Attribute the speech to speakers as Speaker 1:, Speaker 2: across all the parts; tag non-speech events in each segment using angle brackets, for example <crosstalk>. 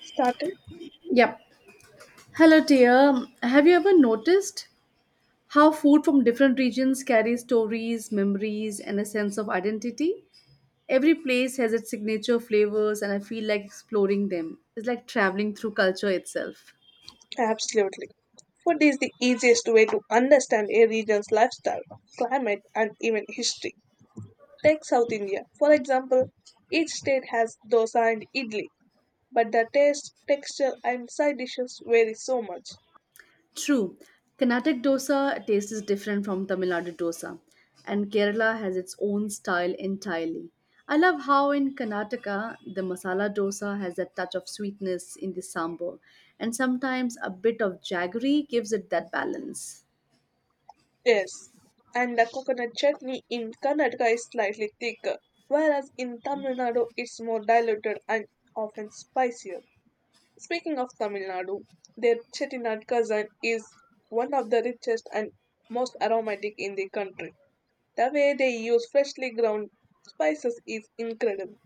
Speaker 1: Started?
Speaker 2: Yep. Hello, dear. Have you ever noticed how food from different regions carries stories, memories, and a sense of identity? Every place has its signature flavors, and I feel like exploring them. It's like traveling through culture itself.
Speaker 1: Absolutely. Food is the easiest way to understand a region's lifestyle, climate, and even history. Take South India, for example, each state has dosa and idli, but the taste, texture, and side dishes vary so much.
Speaker 2: True, Carnatic dosa taste is different from Tamil Nadu dosa, and Kerala has its own style entirely. I love how in Karnataka the masala dosa has that touch of sweetness in the sambar, and sometimes a bit of jaggery gives it that balance.
Speaker 1: Yes, and the coconut chutney in Karnataka is slightly thicker, whereas in Tamil Nadu it's more diluted and often spicier. Speaking of Tamil Nadu, their Chettinad cousin is one of the richest and most aromatic in the country. The way they use freshly ground spices is incredible.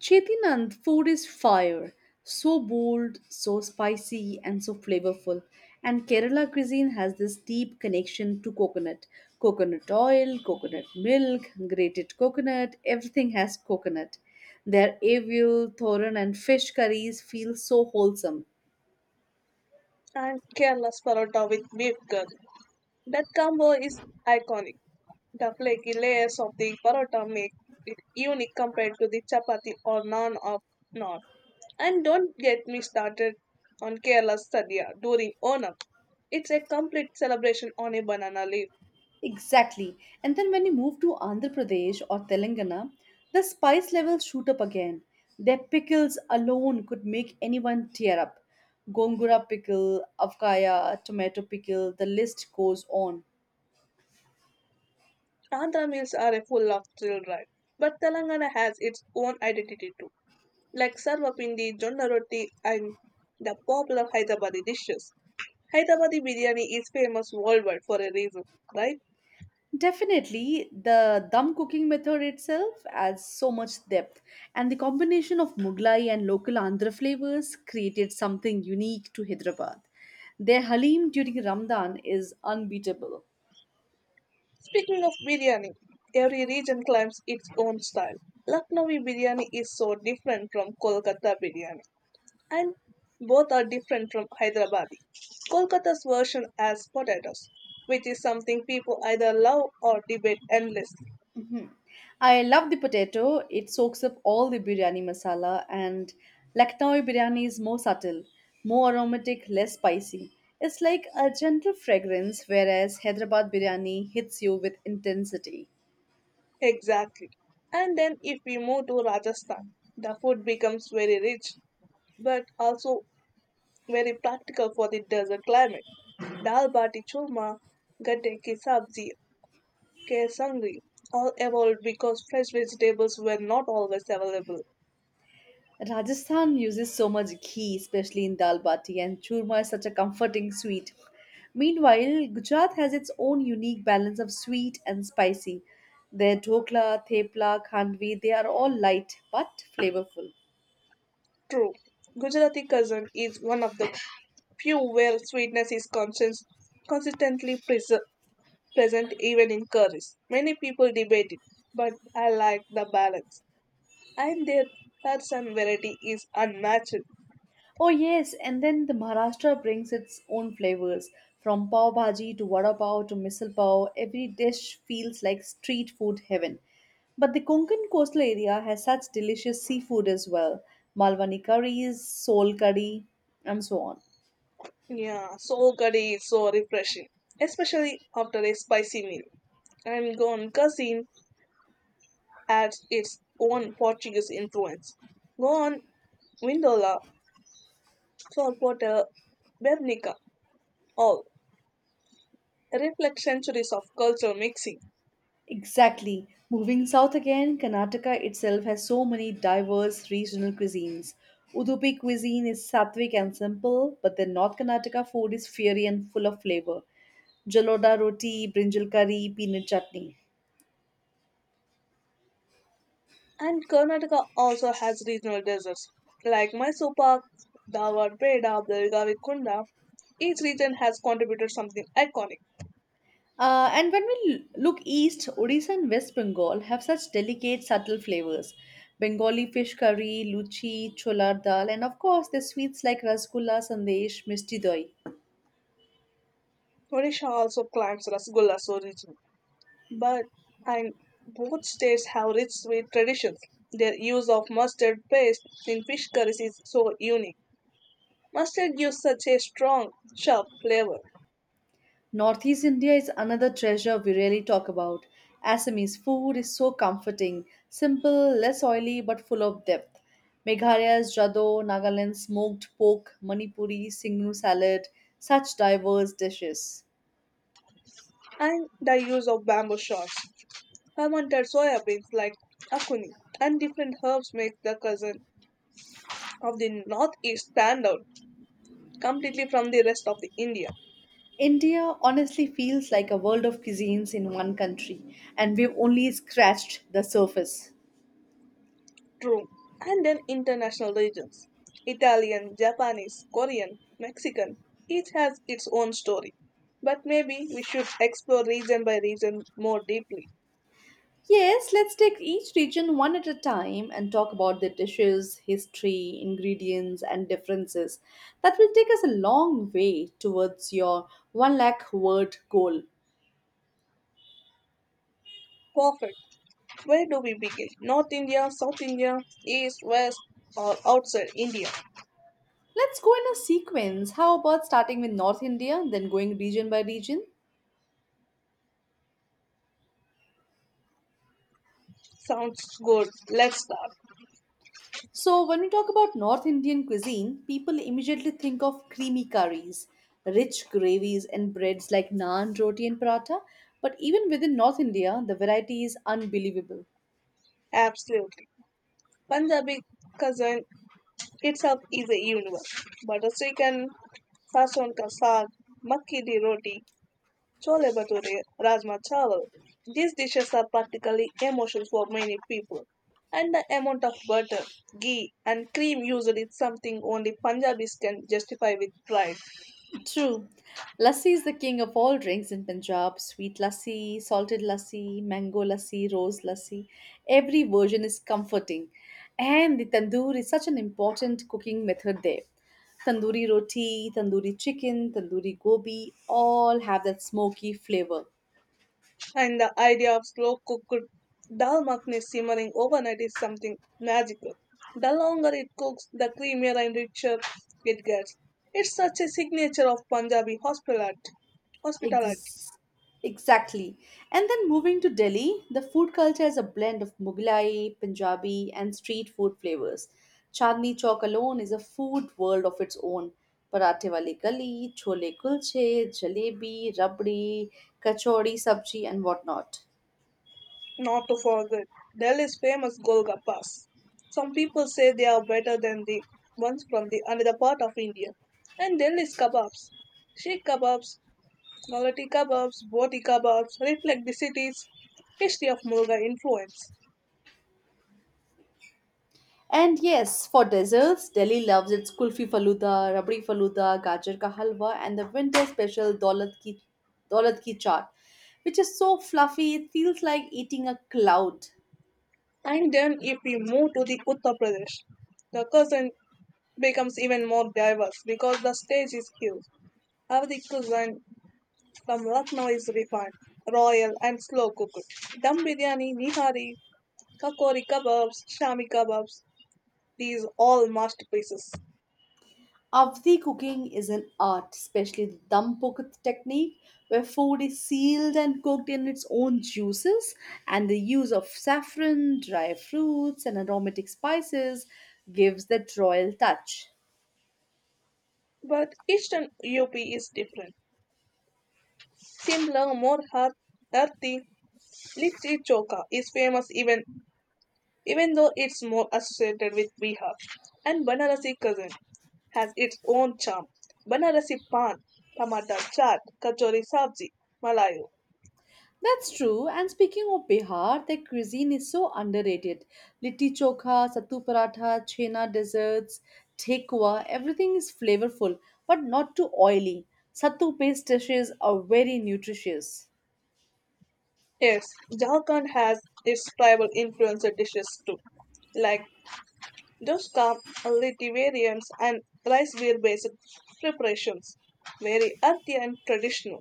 Speaker 2: Chetinand food is fire, so bold, so spicy, and so flavorful. And Kerala cuisine has this deep connection to coconut. Coconut oil, coconut milk, grated coconut, everything has coconut. Their avil, thoran, and fish curries feel so wholesome.
Speaker 1: And Kerala's parotta with beef curry. That combo is iconic. The flaky layers of the parotta make it unique compared to the chapati or naan of north. And don't get me started on Kerala's sadhya during Onam. It's a complete celebration on a banana leaf.
Speaker 2: Exactly. And then when you move to Andhra Pradesh or Telangana, the spice levels shoot up again. Their pickles alone could make anyone tear up. Gongura pickle, avkaya, tomato pickle, the list goes on.
Speaker 1: Andhra meals are full of thrill ride, but Telangana has its own identity too, like sarvapindi, jonna roti, and the popular Hyderabadi dishes. Hyderabadi biryani is famous worldwide for a reason, right?
Speaker 2: Definitely, the dum cooking method itself adds so much depth, and the combination of Mughlai and local Andhra flavors created something unique to Hyderabad. Their halim during Ramadan is unbeatable.
Speaker 1: Speaking of biryani, every region claims its own style. Lucknowi biryani is so different from Kolkata biryani, and both are different from Hyderabadi. Kolkata's version has potatoes, which is something people either love or debate endlessly.
Speaker 2: I love the potato. It soaks up all the biryani masala, and Lucknowi biryani is more subtle, more aromatic, less spicy. It's like a gentle fragrance, whereas Hyderabad biryani hits you with intensity.
Speaker 1: Exactly. And then if we move to Rajasthan, the food becomes very rich but also very practical for the desert climate. Dal bati churma, gatte ki sabzi, kesangri all evolved because fresh vegetables were not always available.
Speaker 2: Rajasthan uses so much ghee, especially in dal bati, and churma is such a comforting sweet. Meanwhile, Gujarat has its own unique balance of sweet and spicy. Their dhokla, thepla, khandvi, they are all light but flavorful.
Speaker 1: True. Gujarati cuisine is one of the few where sweetness is conscious, consistently prese- present even in curries. Many people debate it, but I like the balance, and their depth and variety is unmatched.
Speaker 2: Oh yes, and then the Maharashtra brings its own flavors. From pav bhaji to vada pav to misal pav, every dish feels like street food heaven. But the Konkan coastal area has such delicious seafood as well. Malwani curries, sol curry, and so on.
Speaker 1: Yeah, so curry is so refreshing, especially after a spicy meal. And Goan cuisine adds its own Portuguese influence. Goan Windola, Sorpota, Bevnica, all reflect centuries of cultural mixing.
Speaker 2: Exactly. Moving south again, Karnataka itself has so many diverse regional cuisines. Udupi cuisine is sattvic and simple, but the North Karnataka food is fiery and full of flavor. Jaloda roti, brinjal curry, peanut chutney.
Speaker 1: And Karnataka also has regional desserts like Mysore Pak, Dawar Peda, Belgavi Kunda. Each region has contributed something iconic.
Speaker 2: And when we look east, Odisha and West Bengal have such delicate, subtle flavors. Bengali fish curry, luchi, cholar dal, and of course the sweets like rasgulla, sandesh, misti doi.
Speaker 1: Odisha also claims Rasgullas origin, but and both states have rich sweet traditions. Their use of mustard paste in fish curries is so unique. Mustard gives such a strong, sharp flavor,
Speaker 2: Northeast India is another treasure we rarely talk about. Assamese food is so comforting, simple, less oily, but full of depth. Meghalaya's Jado, Nagaland's smoked pork, Manipuri, Singnu salad, such diverse dishes.
Speaker 1: and the use of bamboo shoots, fermented soya beans like akuni, and different herbs make the cuisine of the northeast stand out completely from the rest of the India.
Speaker 2: India honestly feels like a world of cuisines in one country, and we've only scratched the surface.
Speaker 1: True. And then international regions, Italian, Japanese, Korean, Mexican, each has its own story. But maybe we should explore region by region more deeply.
Speaker 2: Yes, let's take each region one at a time and talk about their dishes, history, ingredients, and differences. That will take us a long way towards your 1 lakh word goal.
Speaker 1: Perfect. Where do we begin? North India, South India, East, West, or outside India?
Speaker 2: Let's go in a sequence. How about starting with North India, then going region by region?
Speaker 1: Sounds good. Let's start.
Speaker 2: So, when we talk about North Indian cuisine, people immediately think of creamy curries, rich gravies, and breads like naan, roti, and paratha. But even within North India, the variety is unbelievable.
Speaker 1: Absolutely. Punjabi cuisine itself is a universe. Butter chicken, sason ka saag, makki di roti, chole bhature, rajma chawal. These dishes are particularly emotional for many people. And the amount of butter, ghee, and cream used is something only Punjabis can justify with pride.
Speaker 2: True. Lassi is the king of all drinks in Punjab. Sweet lassi, salted lassi, mango lassi, rose lassi. Every version is comforting. And the tandoor is such an important cooking method there. Tandoori roti, tandoori chicken, tandoori gobi all have that smoky flavor.
Speaker 1: And the idea of slow cooked dal makhni simmering overnight is something magical. The longer it cooks, the creamier and richer it gets. It's such a signature of Punjabi hospitality.
Speaker 2: Ex- exactly. And then moving to Delhi, the food culture is a blend of Mughlai, Punjabi, and street food flavors. Chandni Chowk alone is a food world of its own. Parathe wali gali, chole kulche, jalebi, rabdi, kachori, sabji, and whatnot.
Speaker 1: Not to forget Delhi's famous Golgappas. Some people say they are better than the ones from the another part of India. And Delhi's kebabs, sheikh kebabs, quality kebabs, boti kebabs reflect the city's history of Mughal influence.
Speaker 2: And yes, for desserts, Delhi loves its kulfi faluda, rabdi faluda, gajar ka halwa, and the winter special daulat ki chaat, which is so fluffy it feels like eating a cloud.
Speaker 1: And then if we move to the Uttar Pradesh, the cuisine becomes even more diverse because the stage is huge. Avadi cuisine from Lucknow is refined, royal and slow cooked. Dum biryani, nihari, Kakori kebabs, shami kebabs, these all masterpieces.
Speaker 2: Avdi cooking is an art, especially the dum cooked technique, where food is sealed and cooked in its own juices, and the use of saffron, dry fruits, and aromatic spices gives that royal touch.
Speaker 1: But Eastern UP is different. Simpler, earthy. Litti Choka is famous even though it's more associated with Bihar. And Banarasi cuisine has its own charm. Banarasi pan, tamata chaat, kachori sabzi, malayu.
Speaker 2: That's true. And speaking of Bihar, their cuisine is so underrated. Litti chokha, sattu paratha, chhena desserts, thekwa, everything is flavorful, but not too oily. Sattu based dishes are very nutritious.
Speaker 1: Yes, Jharkhand has its tribal influencer dishes too, like those come litivariums and rice beer based preparations, very earthy and traditional.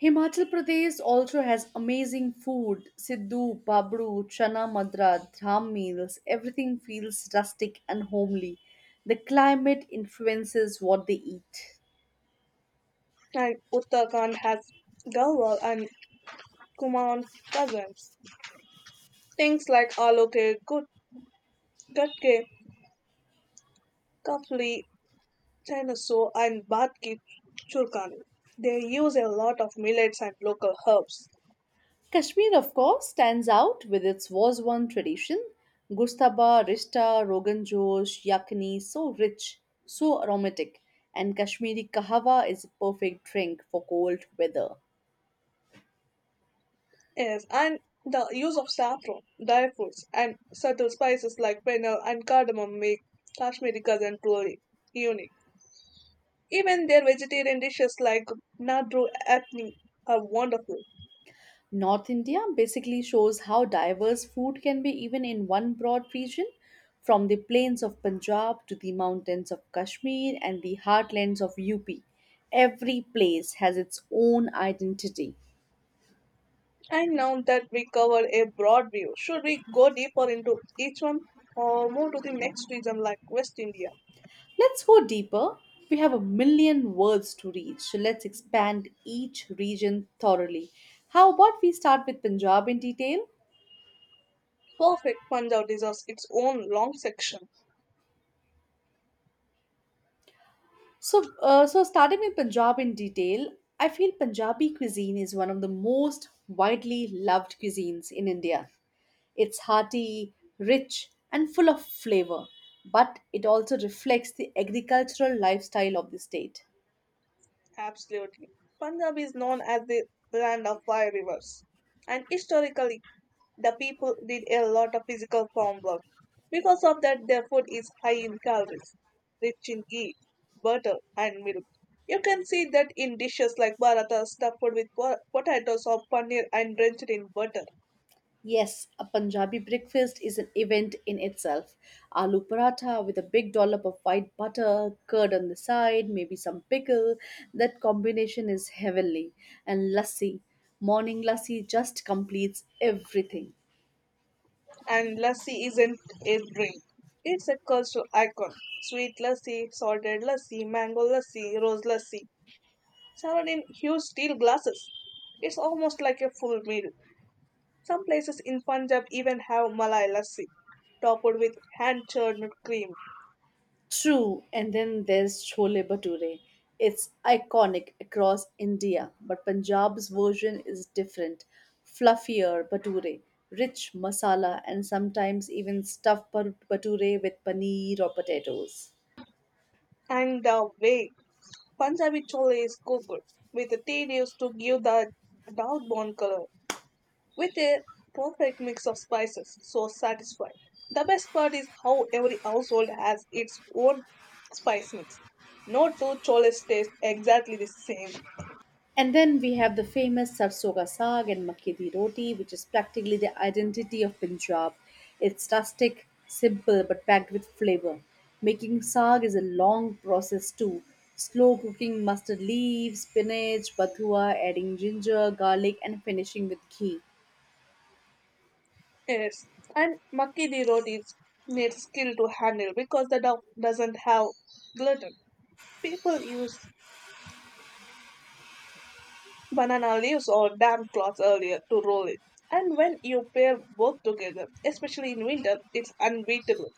Speaker 2: Himachal Pradesh also has amazing food. Siddhu, babru, chana madra, dham meals. Everything feels rustic and homely. The climate influences what they eat.
Speaker 1: And Uttarakhand has Galwal and Kumaon cousins. Things like Aloke, Gutke, Kafli, Chinasaw, and Bhatki Churkani. They use a lot of millets and local herbs.
Speaker 2: Kashmir, of course, stands out with its Wazwan tradition Gustaba, Rishta, Rogan Josh, Yakni, so rich, so aromatic. And Kashmiri Kahawa is a perfect drink for cold weather.
Speaker 1: Yes, and the use of saffron, dry fruits, and subtle spices like fennel and cardamom make Kashmiri cousin truly unique. Even their vegetarian dishes like nadru apni are wonderful.
Speaker 2: North India basically shows how diverse food can be even in one broad region, from the plains of Punjab to the mountains of Kashmir and the heartlands of UP. Every place has its own identity.
Speaker 1: And now that we covered a broad view, should we go deeper into each one or move to the next region like West India?
Speaker 2: Let's go deeper. We have a million words to reach, so let's expand each region thoroughly. How about we start with Punjab in detail?
Speaker 1: Perfect, Punjab deserves its own long section.
Speaker 2: So starting with Punjab in detail, I feel Punjabi cuisine is one of the most widely loved cuisines in India. It's hearty, rich, and full of flavor, but it also reflects the agricultural lifestyle of the state.
Speaker 1: Absolutely. Punjab is known as the land of five rivers. And historically, the people did a lot of physical farm work. Because of that, their food is high in calories, rich in ghee, butter, and milk. You can see that in dishes like paratha stuffed with potatoes or paneer and drenched in butter.
Speaker 2: Yes, a Punjabi breakfast is an event in itself. Aloo paratha with a big dollop of white butter, curd on the side, maybe some pickle. That combination is heavenly. And lassi, morning lassi just completes everything.
Speaker 1: And lassi isn't a drink. It's a cultural icon. Sweet lassi, salted lassi, mango lassi, rose lassi, served in huge steel glasses. It's almost like a full meal. Some places in Punjab even have malai lassi, topped with hand churned cream.
Speaker 2: True, and then there's Chole Bhature. It's iconic across India, but Punjab's version is different. Fluffier Bhature, rich masala, and sometimes even stuffed Bhature with paneer or potatoes.
Speaker 1: And the way Punjabi chole is cooked, with the tea leaves to give the dark brown color, with a perfect mix of spices, so satisfying. The best part is how every household has its own spice mix. No two choles taste exactly the same.
Speaker 2: And then we have the famous Sarson Ka Saag and Makke Di Roti, which is practically the identity of Punjab. It's rustic, simple, but packed with flavor. Making saag is a long process too. Slow cooking mustard leaves, spinach, bathua, adding ginger, garlic, and finishing with ghee.
Speaker 1: Yes, and Makki di roti is- needs skill to handle because the dough doesn't have gluten. People use banana leaves or damp cloths earlier to roll it. And when you pair both together, especially in winter, it's unbeatable.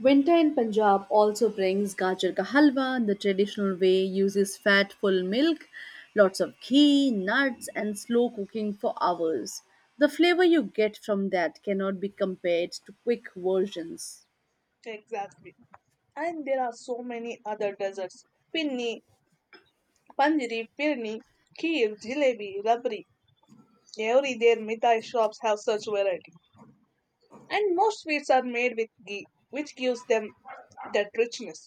Speaker 2: Winter in Punjab also brings gajar ka halwa in the traditional way, uses fat full milk, lots of ghee, nuts, and slow cooking for hours. The flavor you get from that cannot be compared to quick versions.
Speaker 1: Exactly. And there are so many other desserts. Pinni, Panjiri, Pirni, Kheer, Jalebi, Rabri. Every their mithai shops have such variety. And most sweets are made with ghee, which gives them that richness.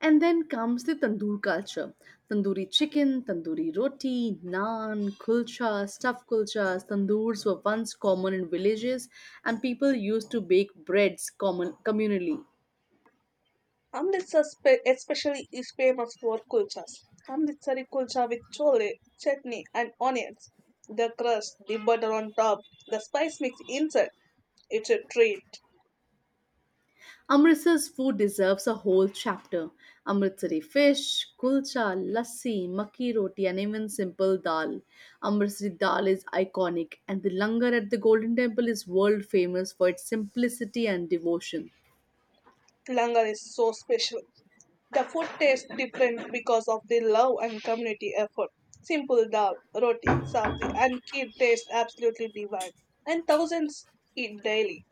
Speaker 2: And then comes the tandoor culture tandoori chicken, tandoori roti, naan, kulcha, stuffed kulchas. Tandoors were once common in villages, and people used to bake breads communally.
Speaker 1: Especially is famous for kulchas. Amritsari kulcha with chole, chutney and onions. The crust, the butter on top, the spice mix inside. It's a treat.
Speaker 2: Amritsar's food deserves a whole chapter. Amritsari fish, kulcha, lassi, makki roti, and even simple dal. Amritsari dal is iconic, and the langar at the Golden Temple is world famous for its simplicity and devotion.
Speaker 1: Langar is so special. The food tastes different because of the love and community effort. Simple dal, roti, sabzi and kheer taste absolutely divine. And thousands eat daily.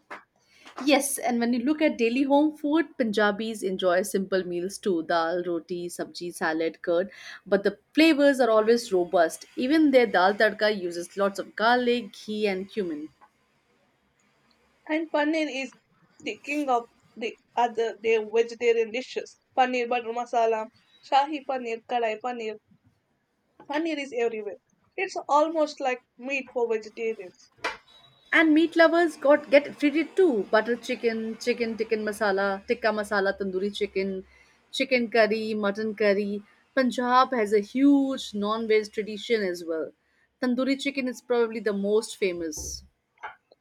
Speaker 2: Yes, and when you look at daily home food, Punjabis enjoy simple meals too dal, roti, sabji, salad, curd. But the flavors are always robust. Even their dal tadka uses lots of garlic, ghee, and cumin.
Speaker 1: And paneer is the king of the vegetarian dishes. Paneer butter masala, shahi paneer, kadai paneer. Paneer is everywhere. It's almost like meat for vegetarians.
Speaker 2: And meat lovers got get treated too. Butter chicken, chicken tikka masala, tandoori chicken, chicken curry, mutton curry. Punjab has a huge non-veg tradition as well. Tandoori chicken is probably the most famous.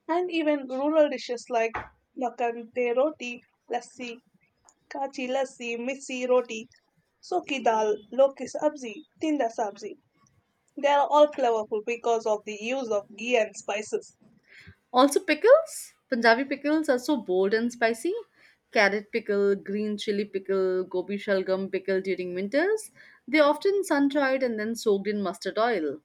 Speaker 1: And even rural dishes like makante roti, lassi, kachi lassi, missi roti, soki dal, loki sabzi, tinda sabzi. They are all flavorful because of the use of ghee and spices.
Speaker 2: Also pickles. Punjabi pickles are so bold and spicy. Carrot pickle, green chili pickle, gobi shalgam pickle during winters. They often sun dried and then soaked in mustard oil.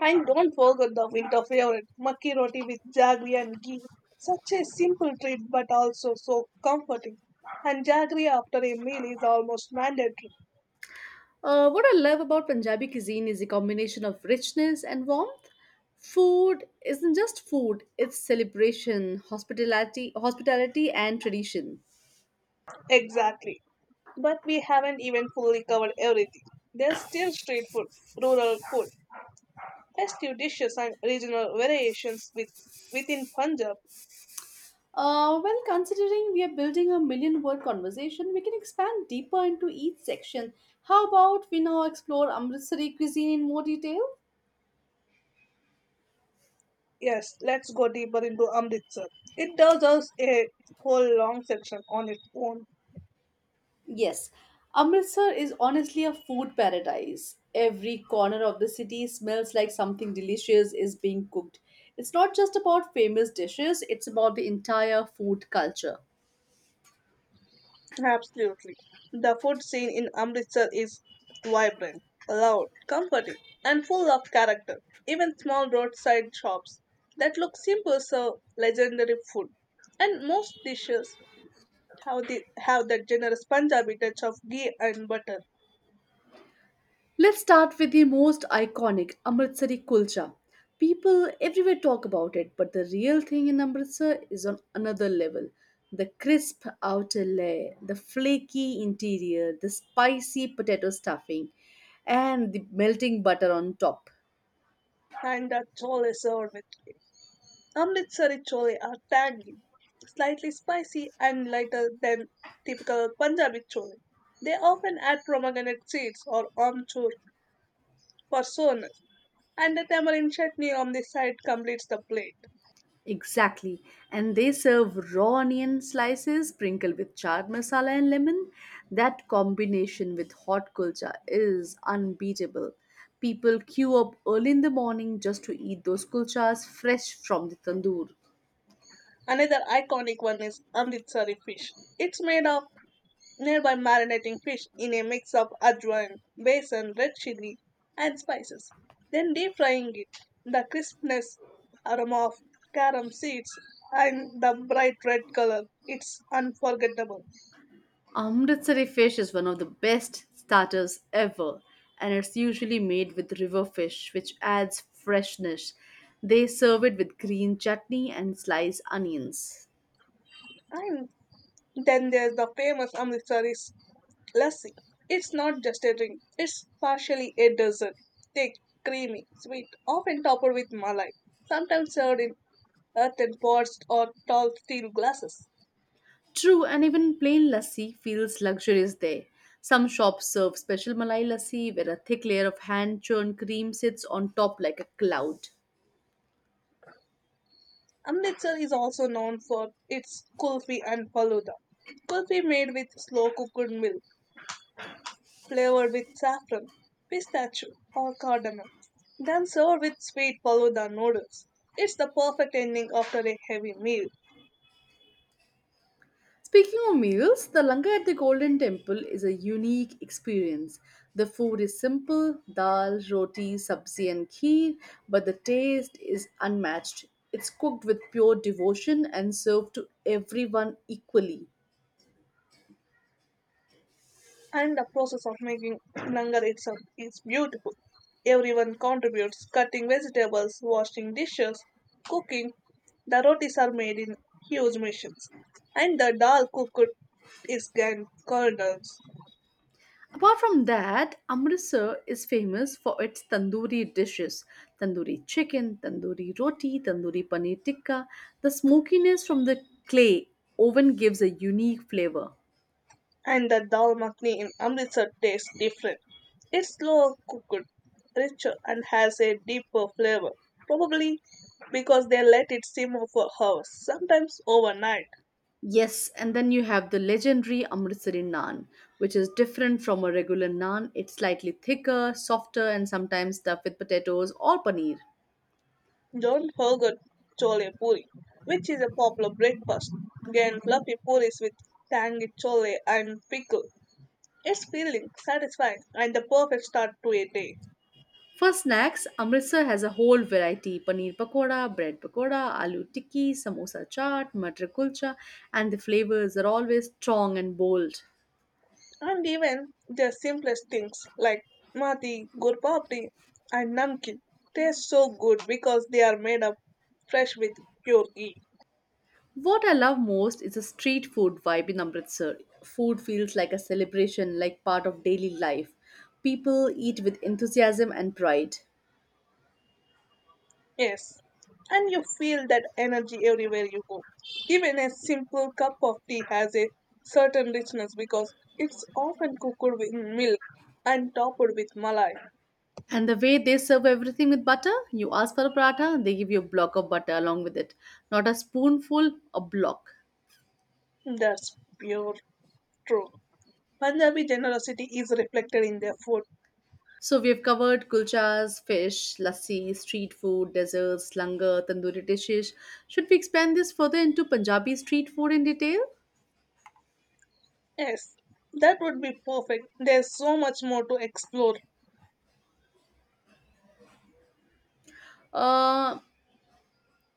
Speaker 1: And don't forget the winter favorite, makki roti with jaggery and ghee. Such a simple treat but also so comforting. And jaggery after a meal is almost mandatory.
Speaker 2: What I love about Punjabi cuisine is the combination of richness and warmth. Food isn't just food, it's celebration, hospitality and tradition.
Speaker 1: Exactly. But we haven't even fully covered everything. There's still street food, rural food, festive dishes and regional variations within Punjab.
Speaker 2: Well, considering we are building a million word conversation, we can expand deeper into each section. How about we now explore Amritsari cuisine in more detail?
Speaker 1: Yes, let's go deeper into Amritsar. It does us a whole long section on its own.
Speaker 2: Yes, Amritsar is honestly a food paradise. Every corner of the city smells like something delicious is being cooked. It's not just about famous dishes, it's about the entire food culture.
Speaker 1: Absolutely. The food scene in Amritsar is vibrant, loud, comforting, and full of character. Even small roadside shops that look simple serve legendary food. And most dishes have that generous Punjabi touch of ghee and butter,
Speaker 2: Let's start with the most iconic Amritsari kulcha. People everywhere talk about it, but the real thing in Amritsar is on another level. The crisp outer layer, the flaky interior, the spicy potato stuffing, and the melting butter on top.
Speaker 1: and the chole served with it. Amritsari chole are tangy, slightly spicy, and lighter than typical Punjabi chole. They often add pomegranate seeds or amchur for soreness, and the tamarind chutney on the side completes the plate.
Speaker 2: Exactly. And they serve raw onion slices sprinkled with chaat masala and lemon. That combination with hot kulcha is unbeatable. People queue up early in the morning just to eat those kulchas fresh from the tandoor.
Speaker 1: Another iconic one is Amritsari fish. It's made of nearby marinating fish in a mix of ajwain, besan, red chili, and spices. Then deep frying it. The crispness, aroma of carom seeds, and the bright red color. It's unforgettable.
Speaker 2: Amritsari fish is one of the best starters ever, and it's usually made with river fish, which adds freshness. They serve it with green chutney and sliced onions.
Speaker 1: And then there's the famous Amritsari Lassi. It's not just a drink, it's partially a dessert. Thick, creamy, sweet, often topped with malai, sometimes served in earthen pots or tall steel glasses.
Speaker 2: True, and even plain lassi feels luxurious there. Some shops serve special Malai lassi where a thick layer of hand churned cream sits on top like a cloud.
Speaker 1: Amritsar is also known for its kulfi and faluda. Kulfi made with slow cooked milk, flavored with saffron, pistachio, or cardamom, then served with sweet faluda noodles. It's the perfect ending after a heavy meal.
Speaker 2: Speaking of meals, the langar at the Golden Temple is a unique experience. The food is simple dal, roti, sabzi, and kheer, but the taste is unmatched. It's cooked with pure devotion and served to everyone equally.
Speaker 1: And the process of making langar itself is beautiful. Everyone contributes, cutting vegetables, washing dishes, cooking. The rotis are made in huge machines, and the dal cooked is in kernels,
Speaker 2: Apart from that, Amritsar is famous for its tandoori dishes tandoori chicken, tandoori roti, tandoori paneer tikka. The smokiness from the clay oven gives a unique flavor.
Speaker 1: and the dal makhni in Amritsar tastes different. It's slower cooked, richer, and has a deeper flavor, probably because they let it simmer for hours, sometimes overnight.
Speaker 2: Yes, and then you have the legendary Amritsari naan, which is different from a regular naan. It's slightly thicker, softer, and sometimes stuffed with potatoes or paneer.
Speaker 1: Don't forget chole puri, which is a popular breakfast. Again, fluffy puris with tangy chole and pickle. It's filling, satisfying, and the perfect start to a day.
Speaker 2: For snacks, Amritsar has a whole variety paneer pakoda, bread pakoda, aloo tikki, samosa chaat, matar kulcha, and the flavors are always strong and bold.
Speaker 1: And even the simplest things like mati, gurpapdi, and Namkeen taste so good because they are made of fresh with pure ghee.
Speaker 2: What I love most is the street food vibe in Amritsar. Food feels like a celebration, like part of daily life. People eat with enthusiasm and pride.
Speaker 1: Yes, and you feel that energy everywhere you go. Even a simple cup of tea has a certain richness because it's often cooked with milk and topped with malai.
Speaker 2: And the way they serve everything with butter, you ask for a paratha, they give you a block of butter along with it. Not a spoonful, a block.
Speaker 1: That's pure true. Punjabi generosity is reflected in their food.
Speaker 2: So we have covered kulchas, fish, lassi, street food, desserts, langar, tandoori dishes. Should we expand this further into Punjabi street food in detail?
Speaker 1: Yes, that would be perfect. There's so much more to explore.
Speaker 2: Uh,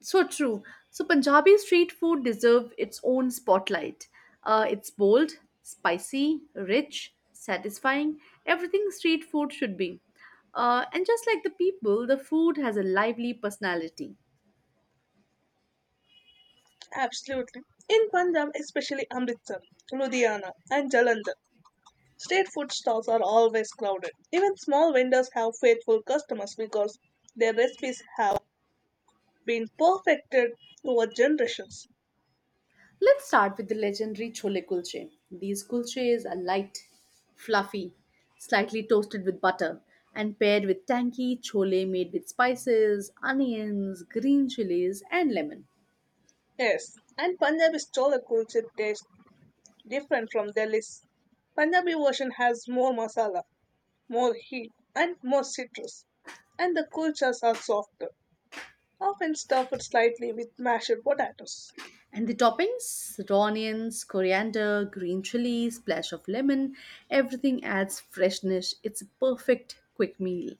Speaker 2: so true. So Punjabi street food deserve its own spotlight. It's bold, spicy, rich, satisfying. Everything street food should be. And just like the people, the food has a lively personality.
Speaker 1: Absolutely. In Punjab, especially Amritsar, Ludhiana, and Jalandhar, street food stalls are always crowded. Even small vendors have faithful customers because their recipes have been perfected over generations.
Speaker 2: Let's start with the legendary chole kulche. These kulches are light, fluffy, slightly toasted with butter, and paired with tangy chole made with spices, onions, green chilies, and lemon.
Speaker 1: Yes, and Punjabi chola kulcha tastes different from Delhi's. Punjabi version has more masala, more heat, and more citrus, and the kulchas are softer, often stuffed slightly with mashed potatoes.
Speaker 2: And the toppings raw onions, coriander, green chili, splash of lemon everything adds freshness. It's a perfect quick meal.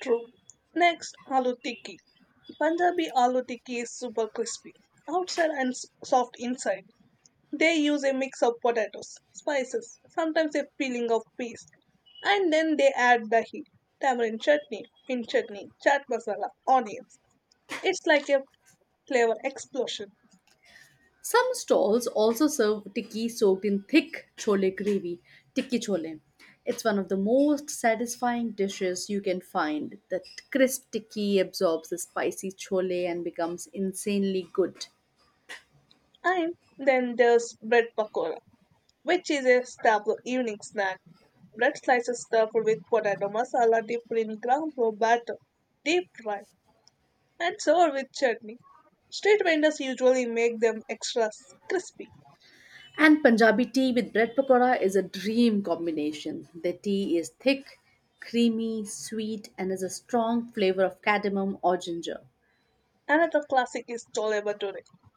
Speaker 1: True. Next, aloo tikki. Punjabi aloo tikki is super crispy outside and soft inside. They use a mix of potatoes, spices, sometimes a filling of peas, and then they add dahi, tamarind chutney, mint chutney, chaat masala, onions. It's like a flavor explosion.
Speaker 2: Some stalls also serve tikki soaked in thick chole gravy, tikki chole. It's one of the most satisfying dishes you can find. That crisp tikki absorbs the spicy chole and becomes insanely good.
Speaker 1: And then there's bread pakora, which is a staple evening snack. Bread slices stuffed with potato masala dipped in ground flour batter, deep fried, and served with chutney. Street vendors usually make them extra crispy.
Speaker 2: And Punjabi tea with bread pakora is a dream combination. The tea is thick, creamy, sweet, and has a strong flavor of cardamom or ginger.
Speaker 1: Another classic is chole bhature.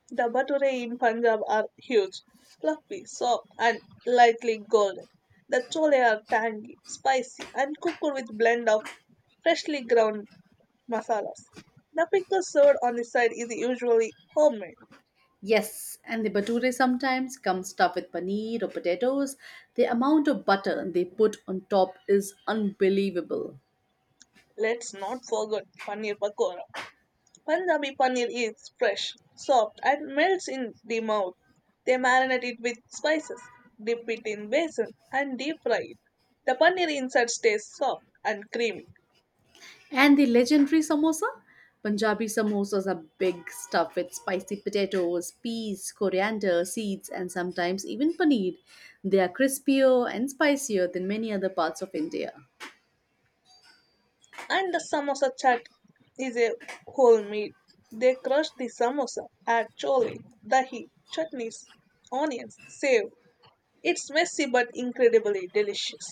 Speaker 1: The bhature in Punjab are huge, fluffy, soft, and lightly golden. The chole are tangy, spicy, and cooked with blend of freshly ground masalas. The pickle served on the side is usually homemade.
Speaker 2: Yes, and the bhature sometimes come stuffed with paneer or potatoes. The amount of butter they put on top is unbelievable.
Speaker 1: Let's not forget paneer pakora. Punjabi paneer is fresh, soft, and melts in the mouth. They marinate it with spices, dip it in besan, and deep fry it. The paneer inside stays soft and creamy.
Speaker 2: And the legendary samosa? Punjabi samosas are big, stuffed with spicy potatoes, peas, coriander, seeds, and sometimes even paneer. They are crispier and spicier than many other parts of India.
Speaker 1: And the samosa chat is a whole meal. They crush the samosa, add chole, dahi, chutneys, onions, save. It's messy but incredibly delicious.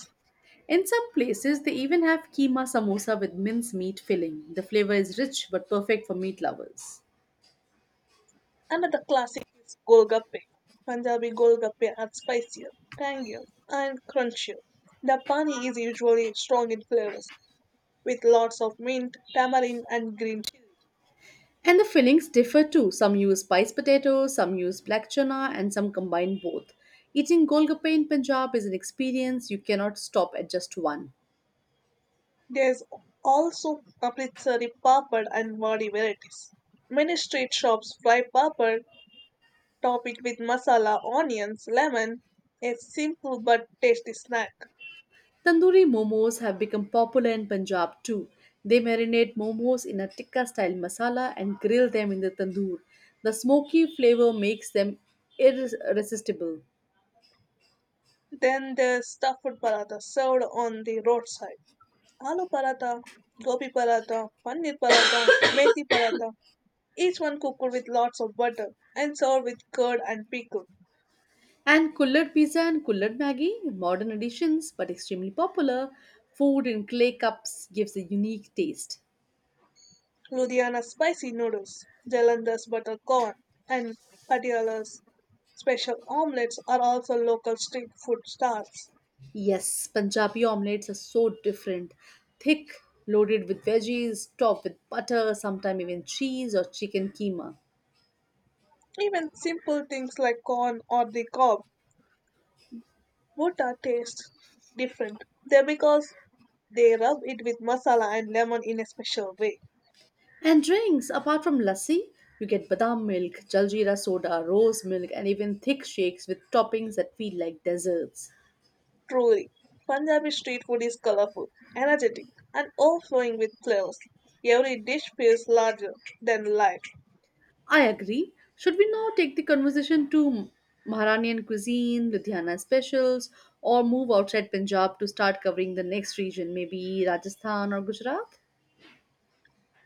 Speaker 2: In some places, they even have keema samosa with mince meat filling. The flavor is rich but perfect for meat lovers.
Speaker 1: Another classic is Golgappe. Punjabi Golgappe are spicier, tangier, and crunchier. The pani is usually strong in flavors, with lots of mint, tamarind, and green chili.
Speaker 2: And the fillings differ too. Some use spiced potatoes, some use black chana, and some combine both. Eating golgappe in Punjab is an experience you cannot stop at just one.
Speaker 1: There's also amritsari papad and wadi varieties. Many street shops fry papad, top it with masala, onions, lemon, a simple but tasty snack.
Speaker 2: Tandoori momos have become popular in Punjab too. They marinate momos in a tikka style masala and grill them in the tandoor. The smoky flavor makes them irresistible.
Speaker 1: Then there's stuffed paratha served on the roadside. Aloo paratha, gobi paratha, paneer paratha, <coughs> methi paratha, each one cooked with lots of butter and served with curd and pickle.
Speaker 2: And kullad pizza and kullad maggi, modern additions but extremely popular, food in clay cups gives a unique taste.
Speaker 1: Ludhiana spicy noodles, Jalandhar's butter corn, and Patiala's special omelets are also local street food stars.
Speaker 2: Yes, Punjabi omelets are so different. Thick, loaded with veggies, topped with butter, sometimes even cheese or chicken keema.
Speaker 1: Even simple things like corn or the cob, bhutta taste different. They're because they rub it with masala and lemon in a special way.
Speaker 2: And drinks, apart from lassi, you get badam milk, jaljeera soda, rose milk, and even thick shakes with toppings that feel like desserts.
Speaker 1: Truly, Punjabi street food is colorful, energetic, and overflowing with flavors. Every dish feels larger than life.
Speaker 2: I agree. Should we now take the conversation to Maharanian cuisine, Ludhiana specials, or move outside Punjab to start covering the next region, maybe Rajasthan or Gujarat?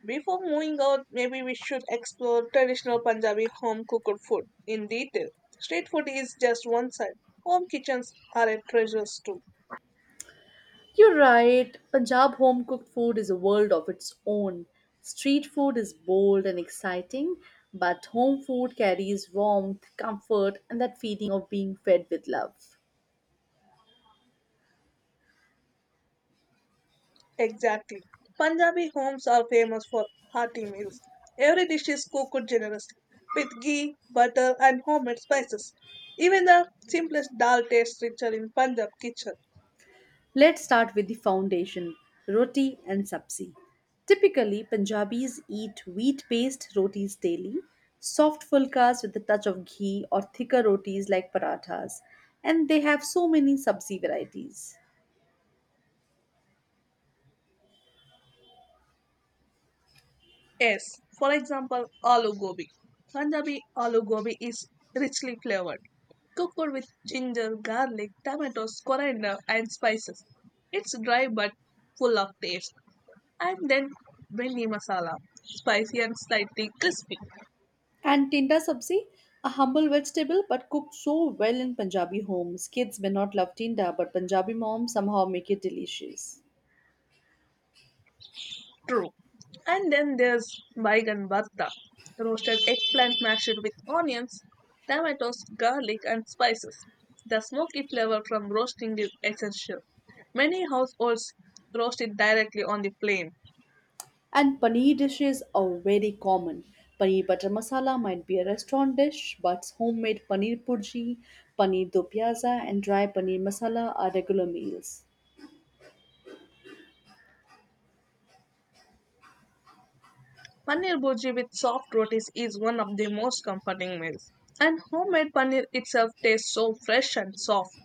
Speaker 1: Before moving out, maybe we should explore traditional Punjabi home cooked food in detail. Street food is just one side. Home kitchens are a treasure too.
Speaker 2: You're right, Punjab home cooked food is a world of its own. Street food is bold and exciting, but home food carries warmth, comfort, and that feeling of being fed with love.
Speaker 1: Exactly. Punjabi homes are famous for hearty meals. Every dish is cooked generously with ghee, butter, and homemade spices. Even the simplest dal tastes richer in Punjab kitchen.
Speaker 2: Let's start with the foundation roti and sabzi. Typically, Punjabis eat wheat based rotis daily, soft fulkas with a touch of ghee, or thicker rotis like parathas, and they have so many sabzi varieties.
Speaker 1: Yes, for example, aloo gobi. Punjabi aloo gobi is richly flavored, cooked with ginger, garlic, tomatoes, coriander, and spices. It's dry but full of taste. And then bringi masala, spicy and slightly crispy.
Speaker 2: And tinda sabzi, a humble vegetable but cooked so well in Punjabi homes. Kids may not love tinda, but Punjabi moms somehow make it delicious.
Speaker 1: True. And then there's baigan bhatta, roasted eggplant mashed with onions, tomatoes, garlic, and spices. The smoky flavor from roasting is essential. Many households roast it directly on the flame.
Speaker 2: And paneer dishes are very common. Paneer butter masala might be a restaurant dish, but homemade paneer purji, paneer do pyaza, and dry paneer masala are regular meals.
Speaker 1: Paneer bhurji with soft rotis is one of the most comforting meals. And homemade paneer itself tastes so fresh and soft.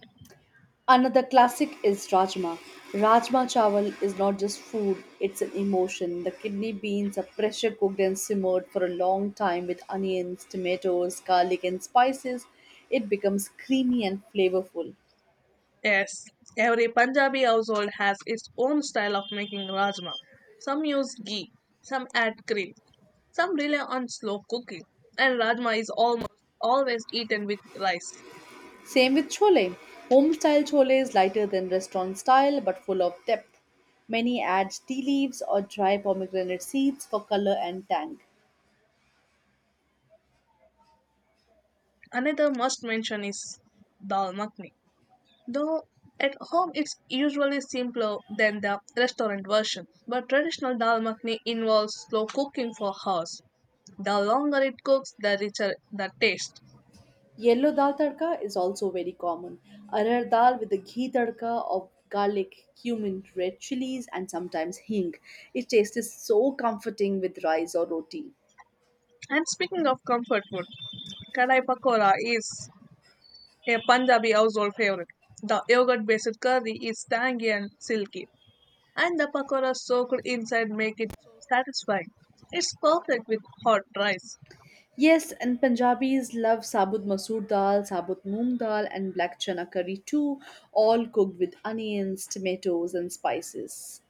Speaker 2: Another classic is rajma. Rajma chawal is not just food, it's an emotion. The kidney beans are pressure cooked and simmered for a long time with onions, tomatoes, garlic, and spices. It becomes creamy and flavorful.
Speaker 1: Yes, every Punjabi household has its own style of making rajma. Some use ghee, some add cream, some rely on slow cooking, and rajma is almost always eaten with rice.
Speaker 2: Same with chole. Home style chole is lighter than restaurant style but full of depth. Many add tea leaves or dry pomegranate seeds for color and tang.
Speaker 1: Another must mention is dal makhni. Though at home it's usually simpler than the restaurant version, but traditional dal makhni involves slow cooking for hours. The longer it cooks, the richer the taste.
Speaker 2: Yellow dal tadka is also very common. Arar dal with a ghee tadka of garlic, cumin, red chilies, and sometimes hing. It tastes so comforting with rice or roti.
Speaker 1: And speaking of comfort food, kadai pakora is a Punjabi household favorite. The yogurt based curry is tangy and silky, and the pakora soaked inside make it so satisfying. It's perfect with hot rice.
Speaker 2: Yes, and Punjabis love sabut masoor dal, sabut moong dal, and black chana curry too, all cooked with onions, tomatoes, and spices.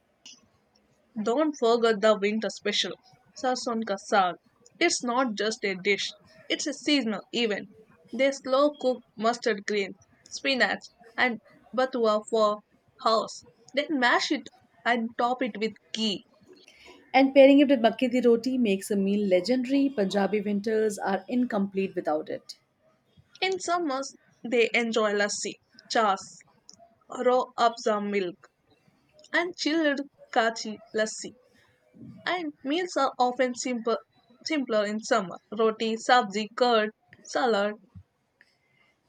Speaker 1: Don't forget the winter special, sarson ka saag. It's not just a dish, it's a seasonal event. They slow cook mustard greens, spinach, and batua for house. Then mash it and top it with ghee.
Speaker 2: And pairing it with makki di roti makes a meal legendary. Punjabi winters are incomplete without it.
Speaker 1: In summers, they enjoy lassi, chas, raw abza milk, and chilled kachi lassi. And meals are often simple, simpler in summer roti, sabzi, curd, salad,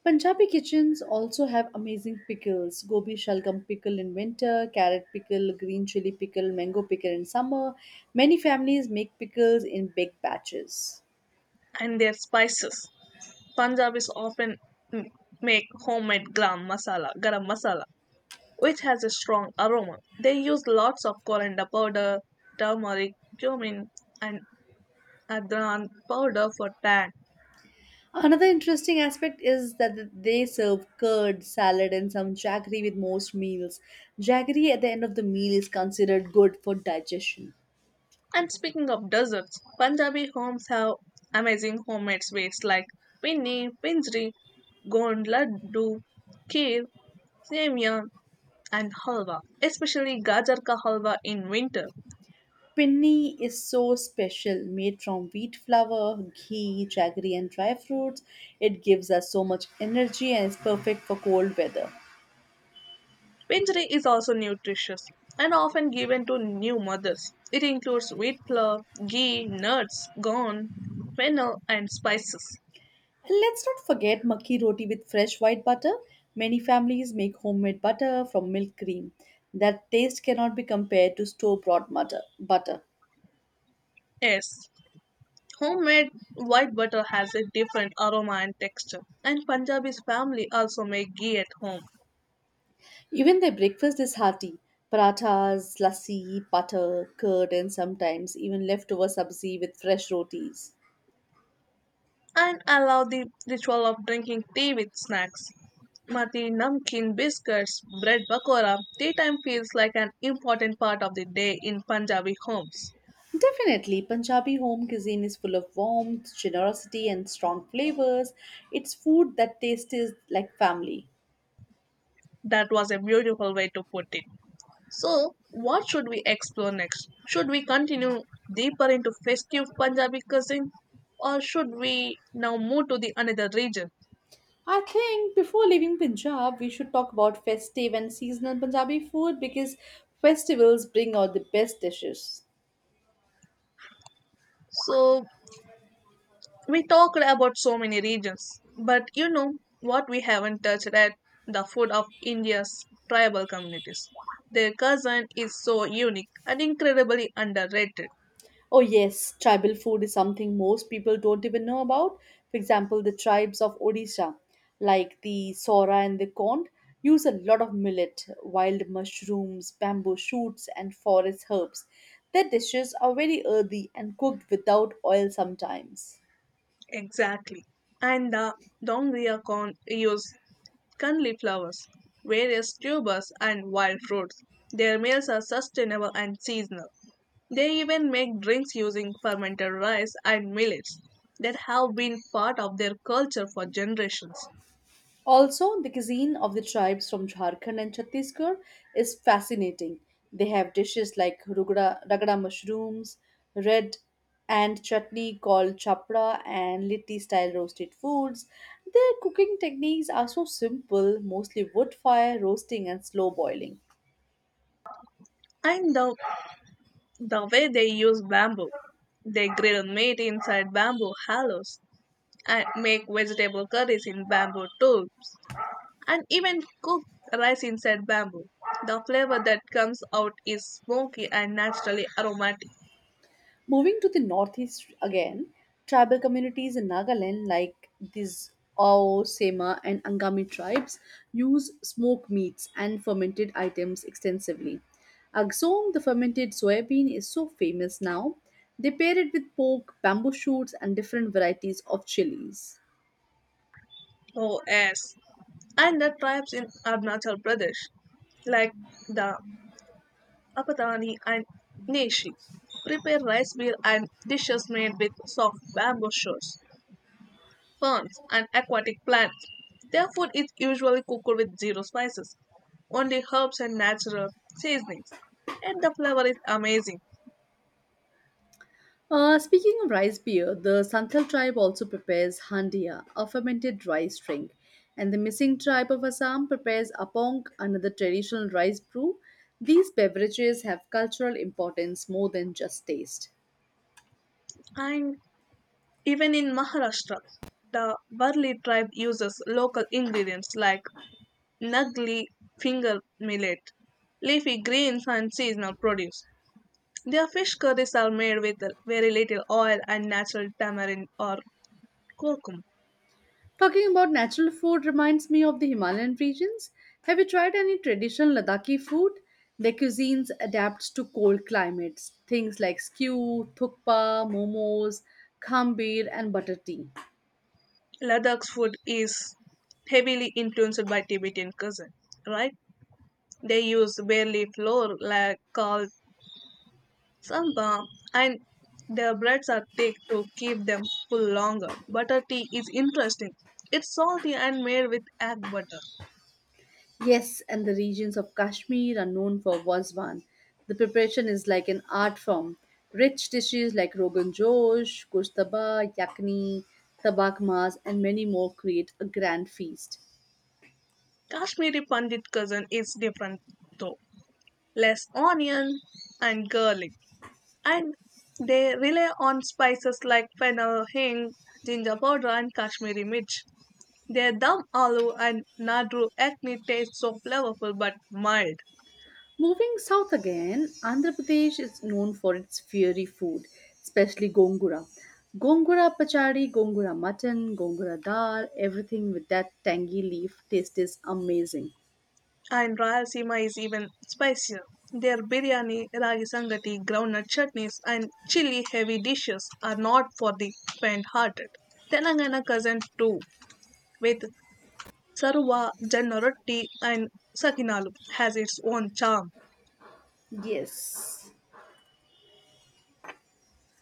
Speaker 2: Punjabi kitchens also have amazing pickles. Gobi shalgam pickle in winter, carrot pickle, green chili pickle, mango pickle in summer. Many families make pickles in big batches.
Speaker 1: and their spices. Punjabis often m- make homemade garam masala, which has a strong aroma. They use lots of coriander powder, turmeric, cumin, and adran powder for tan.
Speaker 2: Another interesting aspect is that they serve curd, salad, and some jaggery with most meals. Jaggery at the end of the meal is considered good for digestion.
Speaker 1: And speaking of desserts, Punjabi homes have amazing homemade sweets like pinni, pinjri, gond laddu, kheer, semia, and halwa, especially gajar ka halwa in winter.
Speaker 2: Pinni is so special, made from wheat flour, ghee, jaggery, and dry fruits. It gives us so much energy and is perfect for cold weather.
Speaker 1: Pinjari is also nutritious and often given to new mothers. It includes wheat flour, ghee, nuts, corn, fennel, and spices.
Speaker 2: And let's not forget makki roti with fresh white butter. Many families make homemade butter from milk cream. That taste cannot be compared to store bought butter.
Speaker 1: Yes, homemade white butter has a different aroma and texture, and Punjabi's family also make ghee at home.
Speaker 2: Even their breakfast is hearty. Parathas, lassi, butter, curd, and sometimes even leftover sabzi with fresh rotis.
Speaker 1: And allow the ritual of drinking tea with snacks. Mati, namkeen, biscuits, bread pakora. Tea time feels like an important part of the day in Punjabi homes.
Speaker 2: Definitely, Punjabi home cuisine is full of warmth, generosity, and strong flavors. It's food that tastes like family.
Speaker 1: That was a beautiful way to put it. So, what should we explore next? Should we continue deeper into festive Punjabi cuisine, or should we now move to the another region?
Speaker 2: I think before leaving Punjab, we should talk about festive and seasonal Punjabi food because festivals bring out the best dishes.
Speaker 1: So, we talked about so many regions, but you know what we haven't touched at the food of India's tribal communities. Their cousin is so unique and incredibly underrated.
Speaker 2: Oh, yes, tribal food is something most people don't even know about. For example, the tribes of Odisha, like the Sora and the Kond, use a lot of millet, wild mushrooms, bamboo shoots, and forest herbs. Their dishes are very earthy and cooked without oil sometimes.
Speaker 1: Exactly. And the Dongria corn use kanli flowers, various tubers, and wild fruits. Their meals are sustainable and seasonal. They even make drinks using fermented rice and millets that have been part of their culture for generations.
Speaker 2: Also, the cuisine of the tribes from Jharkhand and Chhattisgarh is fascinating. They have dishes like rugada, ragada mushrooms, red and chutney called chapra, and litti style roasted foods. Their cooking techniques are so simple, mostly wood fire, roasting, and slow boiling.
Speaker 1: And the way they use bamboo, they grill meat inside bamboo hollows and make vegetable curries in bamboo tubes and even cook rice inside bamboo. The flavor that comes out is smoky and naturally aromatic.
Speaker 2: Moving to the northeast again, tribal communities in Nagaland, like these Ao, Sema, and Angami tribes, use smoked meats and fermented items extensively. Agsong, the fermented soybean, is so famous now. They pair it with pork, bamboo shoots, and different varieties of chilies.
Speaker 1: Oh, yes. And the tribes in Arunachal Pradesh, like the Apatani and Neshi, prepare rice meal and dishes made with soft bamboo shoots, ferns, and aquatic plants. Their food is usually cooked with zero spices, only herbs and natural seasonings, and the flavor is amazing.
Speaker 2: Speaking of rice beer, the Santhal tribe also prepares handia, a fermented rice drink, and the Missing tribe of Assam prepares apong, another traditional rice brew. These beverages have cultural importance more than just taste.
Speaker 1: And even in Maharashtra, the Varli tribe uses local ingredients like nagli finger millet, leafy greens, and seasonal produce. Their fish curries are made with very little oil and natural tamarind or curcum.
Speaker 2: Talking about natural food reminds me of the Himalayan regions. Have you tried any traditional Ladakhi food? Their cuisines adapts to cold climates, things like skew, thukpa, momos, khambir, and butter tea.
Speaker 1: Ladakh's food is heavily influenced by Tibetan cuisine, right? They use bare leaf flour like called sampa, and their breads are thick to keep them full longer. Butter tea is interesting. It's salty and made with egg butter.
Speaker 2: Yes, and the regions of Kashmir are known for wasvan. The preparation is like an art form. Rich dishes like rogan josh, kushtaba, yakni, tabak mas, and many more create a grand feast.
Speaker 1: Kashmiri Pandit cuisine is different though, less onion and garlic, and they rely on spices like fennel, hing, ginger powder, and Kashmiri mirch. Their dum aloo and nadru acne taste so flavorful but mild,
Speaker 2: Moving south again, Andhra Pradesh is known for its fiery food, especially gongura. Gongura pachadi, gongura mutton, gongura dal, everything with that tangy leaf taste is amazing.
Speaker 1: and Rayalaseema is even spicier. Their biryani, ragi sangati, groundnut chutneys, and chili heavy dishes are not for the faint hearted. Telangana cousin too, with Sarva, Janna Rotti, and Sakinalu, has its own charm.
Speaker 2: Yes.